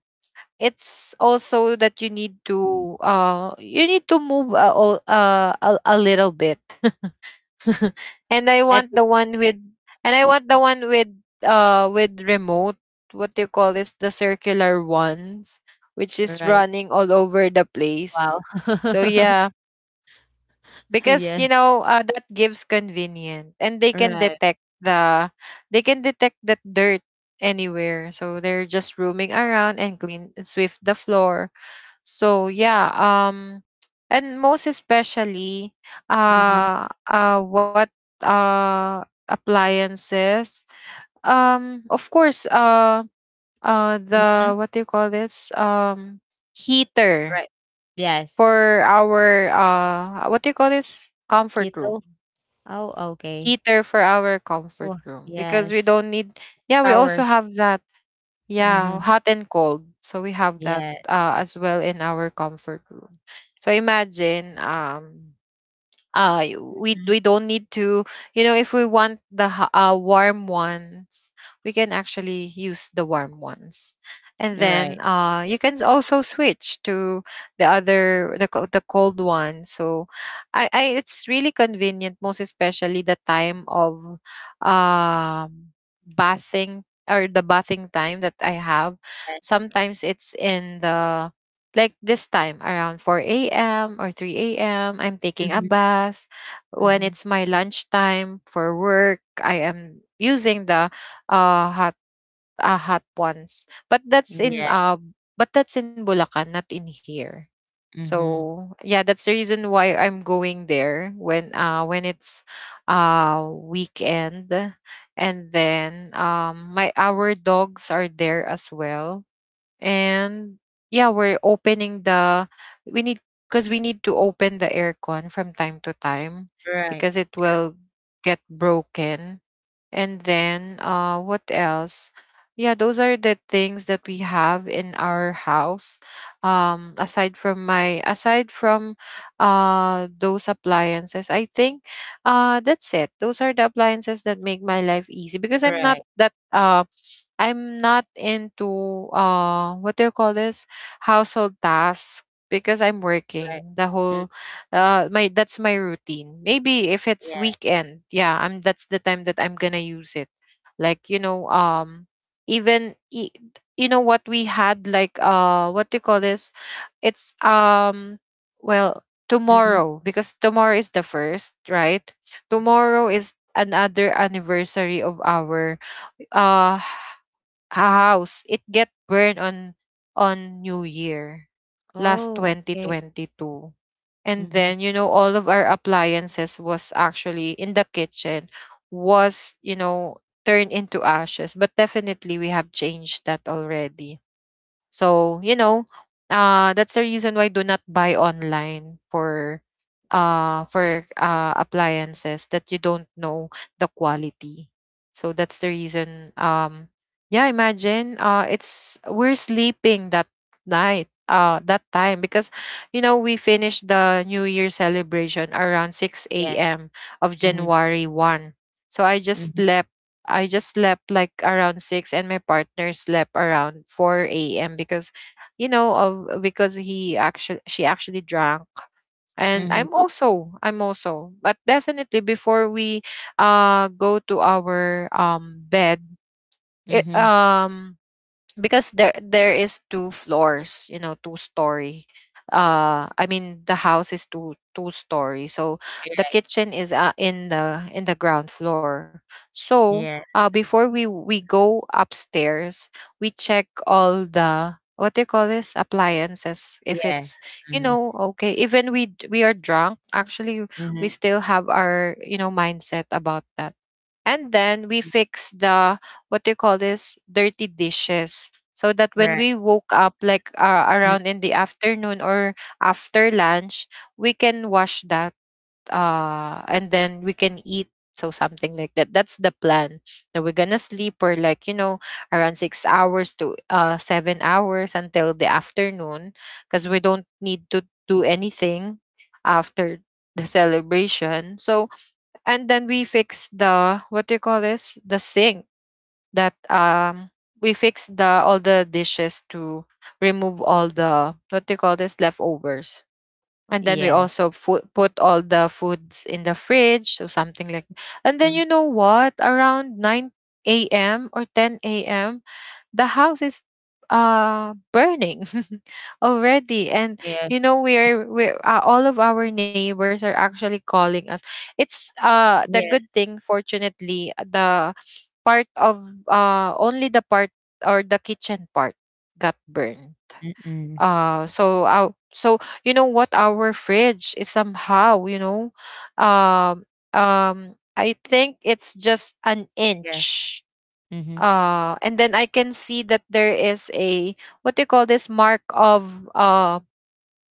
Speaker 1: it's also that you need to, you need to move a little bit. And I want
Speaker 2: Etiquette.
Speaker 1: the one with, and I want the one with, with remote. What do you call this? The circular ones, which is
Speaker 2: Right.
Speaker 1: running all over the
Speaker 2: Wow.
Speaker 1: place. So yeah, because, you
Speaker 2: Yes.
Speaker 1: know, that gives convenient, and they can
Speaker 2: Right.
Speaker 1: detect the, they can detect that dirt anywhere. So they're just roaming around and clean swift the floor. So yeah, and most especially,
Speaker 2: Mm-hmm.
Speaker 1: what, uh appliances, of course,
Speaker 2: Mm-hmm.
Speaker 1: the, what do you call this, heater
Speaker 2: Right. Yes.
Speaker 1: for our, what do you call this, comfort room.
Speaker 2: Keto. Oh, okay.
Speaker 1: Heater for our comfort
Speaker 2: Oh,
Speaker 1: room, because we
Speaker 2: yes.
Speaker 1: don't need, yeah, we
Speaker 2: Power.
Speaker 1: also have that, yeah,
Speaker 2: Mhm.
Speaker 1: hot and cold. So we have that,
Speaker 2: Yes.
Speaker 1: as well in our comfort room. So imagine, we
Speaker 2: Mhm.
Speaker 1: we don't need to, you know, if we want the warm ones, we can actually use the warm ones. And
Speaker 2: Right.
Speaker 1: then, you can also switch to the other, the cold one. So, I it's really convenient, most especially the time of, um bathing, or the bathing time that I have.
Speaker 2: Yes.
Speaker 1: Sometimes it's in the, like this time around 4 a.m. or 3 a.m., I'm taking a
Speaker 2: Mhm.
Speaker 1: bath. When
Speaker 2: Mhm.
Speaker 1: it's my lunchtime for work, I am using the, hot, ones. But that's in,
Speaker 2: Yeah.
Speaker 1: but that's in Bulacan, not in here.
Speaker 2: Mhm.
Speaker 1: So yeah, that's the reason why I'm going there when, when it's, weekend. And then, my our dogs are there as well. And, yeah, we're opening the, we need because we need to open the aircon from time to time,
Speaker 2: Right.
Speaker 1: because it
Speaker 2: True.
Speaker 1: will get broken. And then, what else? Yeah, those are the things that we have in our house. Aside from my, aside from those appliances, I think, that's it. Those are the appliances that make my life easy, because I'm not
Speaker 2: Right.
Speaker 1: that, I'm not into, what do you call this, household tasks, because I'm
Speaker 2: Right.
Speaker 1: working the
Speaker 2: Mm,
Speaker 1: whole, my that's my routine. Maybe if it's
Speaker 2: yeah.
Speaker 1: weekend, yeah, I'm that's the time that I'm gonna use it. Like, you know, even, you know what, we had like, what do you call this? It's Well,
Speaker 2: Mhm.
Speaker 1: tomorrow, because tomorrow is the first, right? Tomorrow is another anniversary of our, uh house. It get burned on, new year, last
Speaker 2: Oh, okay.
Speaker 1: 2022. And
Speaker 2: Mhm.
Speaker 1: then, you know, all of our appliances was actually in the kitchen, was, you know, turned into ashes. But definitely we have changed that already. So, you know, that's the reason why, do not buy online for, appliances that you don't know the quality. So that's the reason. Yeah, imagine, it's we're sleeping that night, that time, because, you know, we finished the New Year celebration around six
Speaker 2: Yeah.
Speaker 1: a.m. of
Speaker 2: Mhm.
Speaker 1: January 1. So I just
Speaker 2: Mhm.
Speaker 1: slept. I just slept like around six, and my partner slept around 4 a.m., because, you know, of because he actually she actually drank. and i'm
Speaker 2: Mhm.
Speaker 1: also i'm also But definitely, before we, go to our, bed, it,
Speaker 2: Mhm.
Speaker 1: because there is two floors, you know, two story. I mean, the house is two story, so the
Speaker 2: Yeah.
Speaker 1: kitchen is, in the ground floor. So,
Speaker 2: Yes.
Speaker 1: before we go upstairs, we check all the, what do you call this, appliances, if
Speaker 2: Yes.
Speaker 1: it's, you
Speaker 2: Mhm.
Speaker 1: know, okay. Even we are drunk actually, we
Speaker 2: Mhm.
Speaker 1: still have our, you know, mindset about that. And then we fix the, what do you call this, dirty dishes, so that when
Speaker 2: Right.
Speaker 1: we woke up, like,
Speaker 2: Mm.
Speaker 1: around in the afternoon, or after lunch, we can wash that, and then we can eat. So something like that. That's the plan. That we're gonna sleep for like, you know, around 6 hours to, 7 hours until the afternoon, because we don't need to do anything after the celebration. So, and then we fix the, what do you call this, the sink, that, we fix the all the dishes to remove all the, what do you call this, leftovers. And then we
Speaker 2: Yes.
Speaker 1: also, put all the foods in the fridge, or something like. And then, you
Speaker 2: Mhm.
Speaker 1: know what, around 9 a.m. or 10 a.m., the house is, burning. Already. And,
Speaker 2: Yeah.
Speaker 1: you know, we're all of our neighbors are actually calling us. It's, the
Speaker 2: Yes.
Speaker 1: good thing, fortunately, the part of, only the part, or the kitchen part, got burned.
Speaker 2: Mm-mm.
Speaker 1: So our, so, you know what, our fridge is somehow, you know, um I think it's just an
Speaker 2: Yeah.
Speaker 1: inch.
Speaker 2: Mhm.
Speaker 1: And then I can see that there is a, what do you call this, mark of,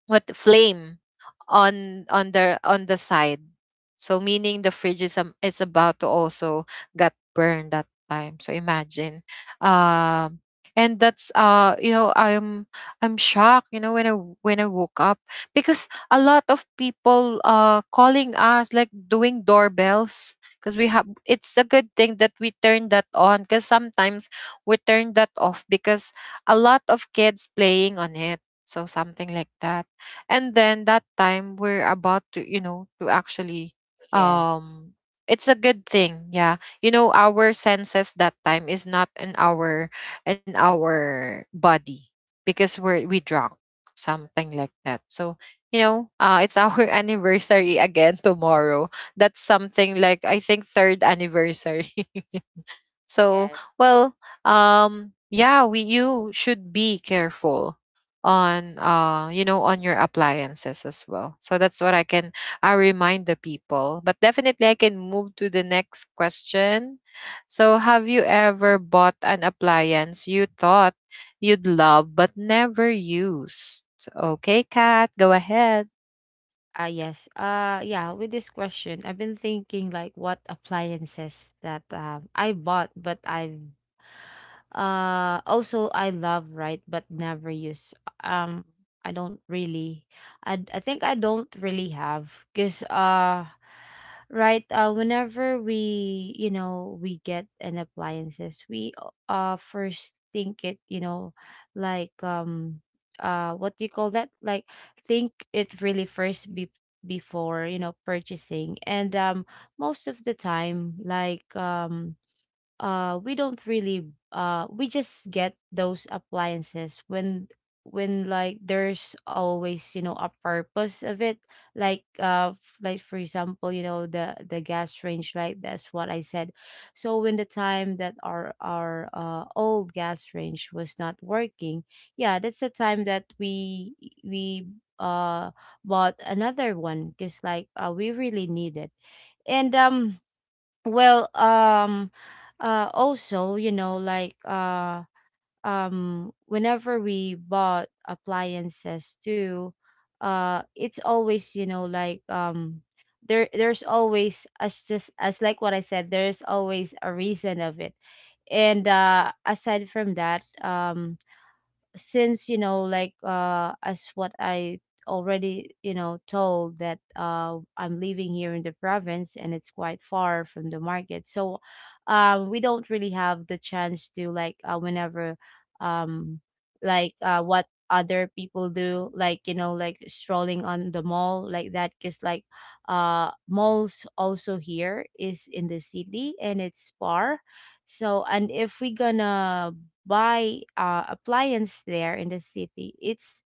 Speaker 1: what, flame, on the side. So meaning, the fridge is, it's about to also got burned that time. So imagine. Um and that's, you know, I'm shocked, you know, when I woke up, because a lot of people, calling us, like doing doorbells, because, we have it's a good thing that we turn that on, because sometimes we turn that off, because a lot of kids playing on it. So something like that. And then that time we're about to, you know, to actually,
Speaker 2: Yes.
Speaker 1: um it's a good thing, yeah, you know, our senses that time is not in our, in our body, because we drunk, something like that. So, you know, it's our anniversary again tomorrow. That's something like, I think, third anniversary. So,
Speaker 2: Yes.
Speaker 1: well, yeah, we you should be careful on, you know, on your appliances as well. So that's what I can, I remind the people. But definitely I can move to the next question. So, have you ever bought an appliance you thought you'd love but never used? So, okay, Kat, go ahead.
Speaker 2: Ah, yes. Yeah, with this question, I've been thinking like what appliances that I bought, but I've also I love, right, but never use. Um, I don't really, I think I don't really have. Cause right, whenever we we get an appliances, we first think it, like what do you call that, like think it really first be before purchasing. And most of the time, like we don't really, we just get those appliances when, like there's always a purpose of it. Like like for example, the gas range, like that's what I said. So when the time that our old gas range was not working, yeah, that's the time that we uh bought another one, because like we really need it. And well, also, like whenever we bought appliances too, it's always, like there's always, as just as like what I said, there's always a reason of it. And uh, aside from that, since, like as what I already told that I'm living here in the province, and it's quite far from the market. So we don't really have the chance to, like whenever, um like what other people do, like like strolling on the mall, like that. Because like malls also here is in the city, and it's far. So and if we gonna buy appliance there in the city, it's,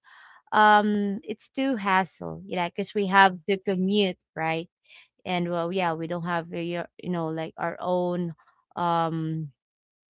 Speaker 2: it's too hassle, yeah, because we have to commute, right? And well, yeah, we don't have, like our own um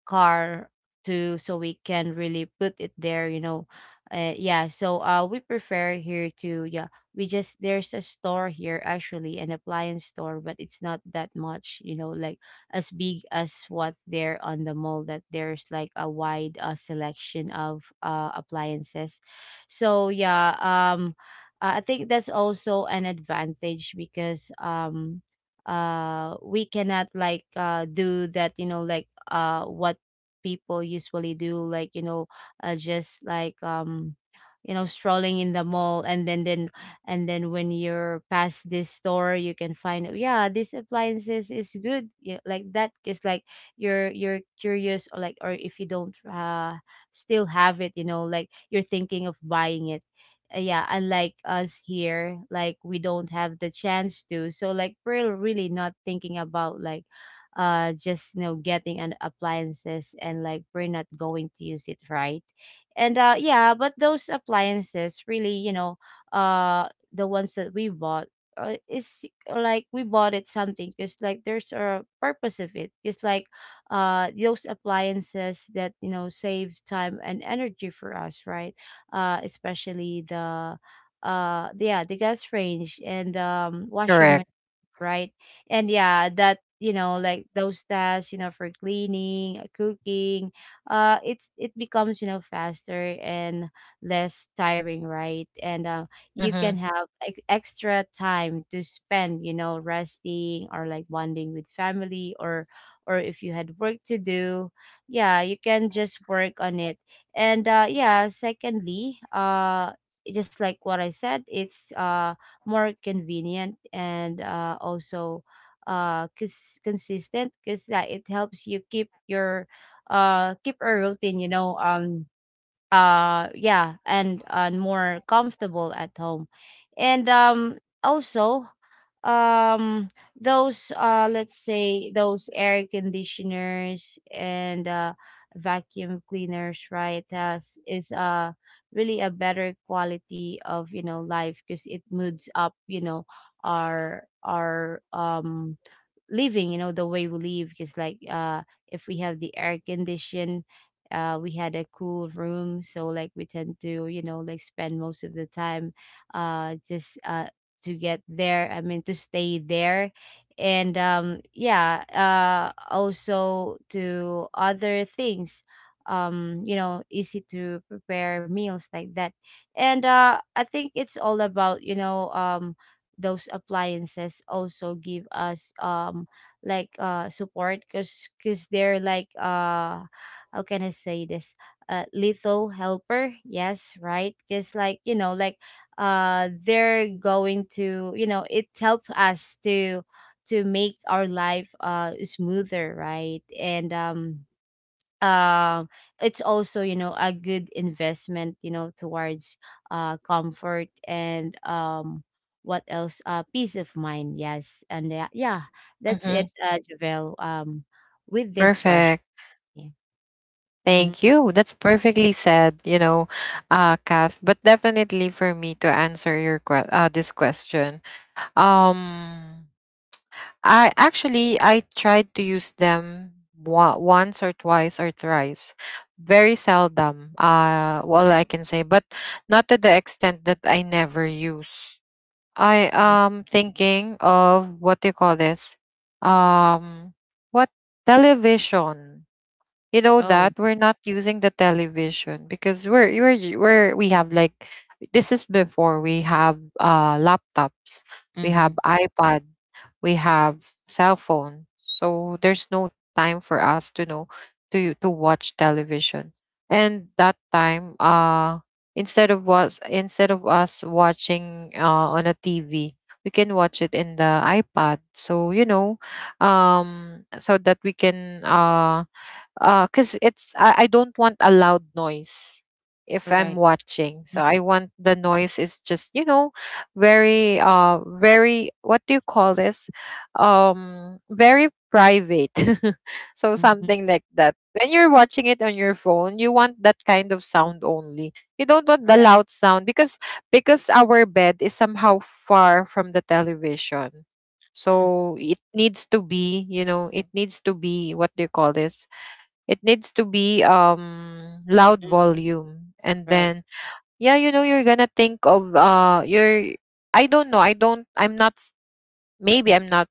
Speaker 2: car, to so we can really put it there, you know. Yeah, so we prefer here to, yeah, we just, there's a store here actually, an appliance store, but it's not that much, like as big as what there on the mall, that there's like a wide selection of appliances. So yeah, I think that's also an advantage, because we cannot like do that, like what people usually do, like just like strolling in the mall, and then and then when you're past this store, you can find, yeah, this appliances is good, yeah, like that. Because like you're curious, or like, or if you don't still have it, like you're thinking of buying it. Yeah, unlike us here, like we don't have the chance to. So like we're really not thinking about like just getting an appliances and like we're not going to use it, right? And yeah, but those appliances really, uh the ones that we bought is, like we bought it something because like there's a purpose of it. It's like those appliances that save time and energy for us, right? Especially the yeah, the gas range, and washing,
Speaker 1: Correct.
Speaker 2: right? And yeah, that, like those tasks, for cleaning, cooking, it's, it becomes faster and less tiring, right? And you can
Speaker 1: Mm-hmm.
Speaker 2: have extra time to spend, resting, or like bonding with family, or if you had work to do, yeah, you can just work on it. And yeah, secondly, just like what I said, it's more convenient and also consistent, because it helps you keep your keep a routine, you know. Yeah, and more comfortable at home. And also, um those let's say those air conditioners and vacuum cleaners, right, has is really a better quality of, life, because it moods up, our living, the way we live. Because like if we have the air condition, we had a cool room, so like we tend to, like spend most of the time just to get there, I mean to stay there. And yeah, also to other things, you know, easy to prepare meals, like that. And I think it's all about, those appliances also give us like support, because they're like how can I say this, little helper, yes, right. Because like like they're going to, you know, it helps us to make our life smoother, right? And um it's also, a good investment, towards comfort, and what else, peace of mind, yes. And yeah, yeah, that's it,
Speaker 1: Mm-hmm.
Speaker 2: Javel, with this question.
Speaker 1: Perfect.
Speaker 2: Yeah.
Speaker 1: Thank
Speaker 2: Mm-hmm,
Speaker 1: you. That's perfectly said, you know, Kath. But definitely, for me to answer your, this question, um, I actually I tried to use them, once or twice or thrice, very seldom. Well, I can say, but not to the extent that I never use. I
Speaker 2: mm-hmm.
Speaker 1: am thinking of, what do you call this? Um, what, television? You know
Speaker 2: Oh,
Speaker 1: that we're not using the television because, we have like this is before we have, laptops. We
Speaker 2: mm-hmm.
Speaker 1: have iPad. We have cell phone. So there's no time for us to know, to, watch television. And that time, instead of us watching, on a TV, we can watch it in the iPad. So, you know, so that we can, because it's, I don't want a loud noise if
Speaker 2: All
Speaker 1: I'm
Speaker 2: right,
Speaker 1: watching. So
Speaker 2: mm-hmm.
Speaker 1: I want the noise is just, you know, very, very, what do you call this, very private. So
Speaker 2: Mm-hmm.
Speaker 1: something like that. When you're watching it on your phone, you want that kind of sound only. You don't want
Speaker 2: All
Speaker 1: the
Speaker 2: right,
Speaker 1: loud sound, because, our bed is somehow far from the television.
Speaker 2: mm-hmm.
Speaker 1: So it needs to be, you know, it needs to be, what do you call this? It needs to be, loud volume. And
Speaker 2: Right.
Speaker 1: then, yeah, you know, you're gonna think of, you're I don't know, I'm not, maybe I'm not,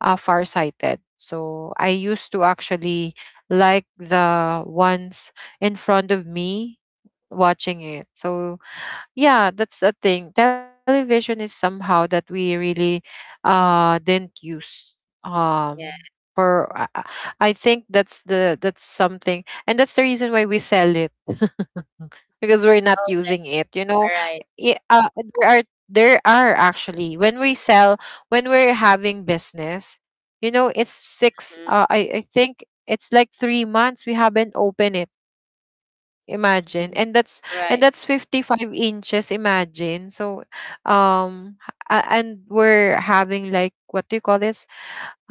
Speaker 1: farsighted. So I used to actually like the ones in front of me watching it. So, yeah, that's the thing. Television is somehow that we really, didn't use,
Speaker 2: Yeah.
Speaker 1: for i I- I think, that's something, and that's the reason why we sell it. Because we're not
Speaker 2: Oh,
Speaker 1: using it, you know.
Speaker 2: all right.
Speaker 1: I- uh, there are there are actually, when we sell, when we're having business, you know, it's six,
Speaker 2: Mm-hmm.
Speaker 1: I think it's like 3 months we haven't opened it. Imagine.
Speaker 2: Hmm. Right.
Speaker 1: And that's 55 inches, imagine. So, um h- and we're having like, what do you call this?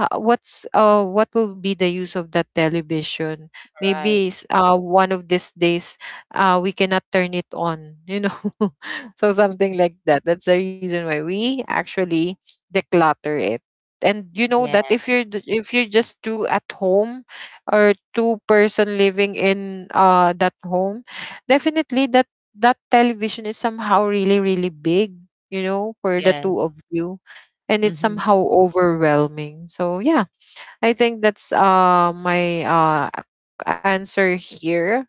Speaker 1: What will be the use of that television?
Speaker 2: Right.
Speaker 1: Maybe, one of these days, we cannot turn it on, you know. So something like that, that's the reason why we actually declutter it. And you know
Speaker 2: Yeah.
Speaker 1: that if if you're just two at home, or two-person living in, that home. Definitely that television is somehow really really big, you know, for the
Speaker 2: Yeah.
Speaker 1: two of you. And it's
Speaker 2: Mm-hmm.
Speaker 1: somehow overwhelming. So yeah, I think that's, my, answer here.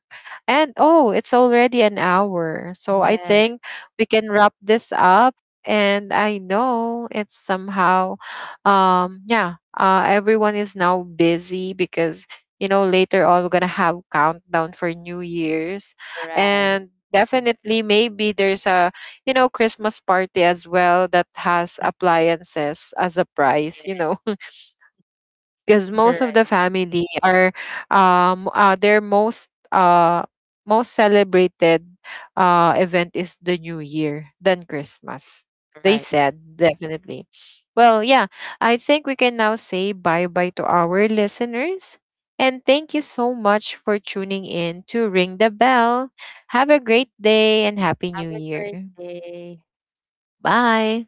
Speaker 1: And, oh, it's already an hour. So I
Speaker 2: Yeah.
Speaker 1: think we can wrap this up. And I know it's somehow, yeah, everyone is now busy because, you know, later on we're going to have countdown for New Year's.
Speaker 2: Right.
Speaker 1: And definitely, maybe there's a, you know, Christmas party as well that has
Speaker 2: Mm-hmm.
Speaker 1: appliances as a price, you
Speaker 2: Yeah.
Speaker 1: know, because most of
Speaker 2: Right.
Speaker 1: the family are, their most, most celebrated, event is the new year than Christmas, they
Speaker 2: Right.
Speaker 1: said. Definitely. Well, yeah, I think we can now say bye bye to our listeners. And thank you so much for tuning in to Ring the Bell. Have a great day and happy
Speaker 2: Have
Speaker 1: new
Speaker 2: a great
Speaker 1: year.
Speaker 2: day.
Speaker 1: Bye.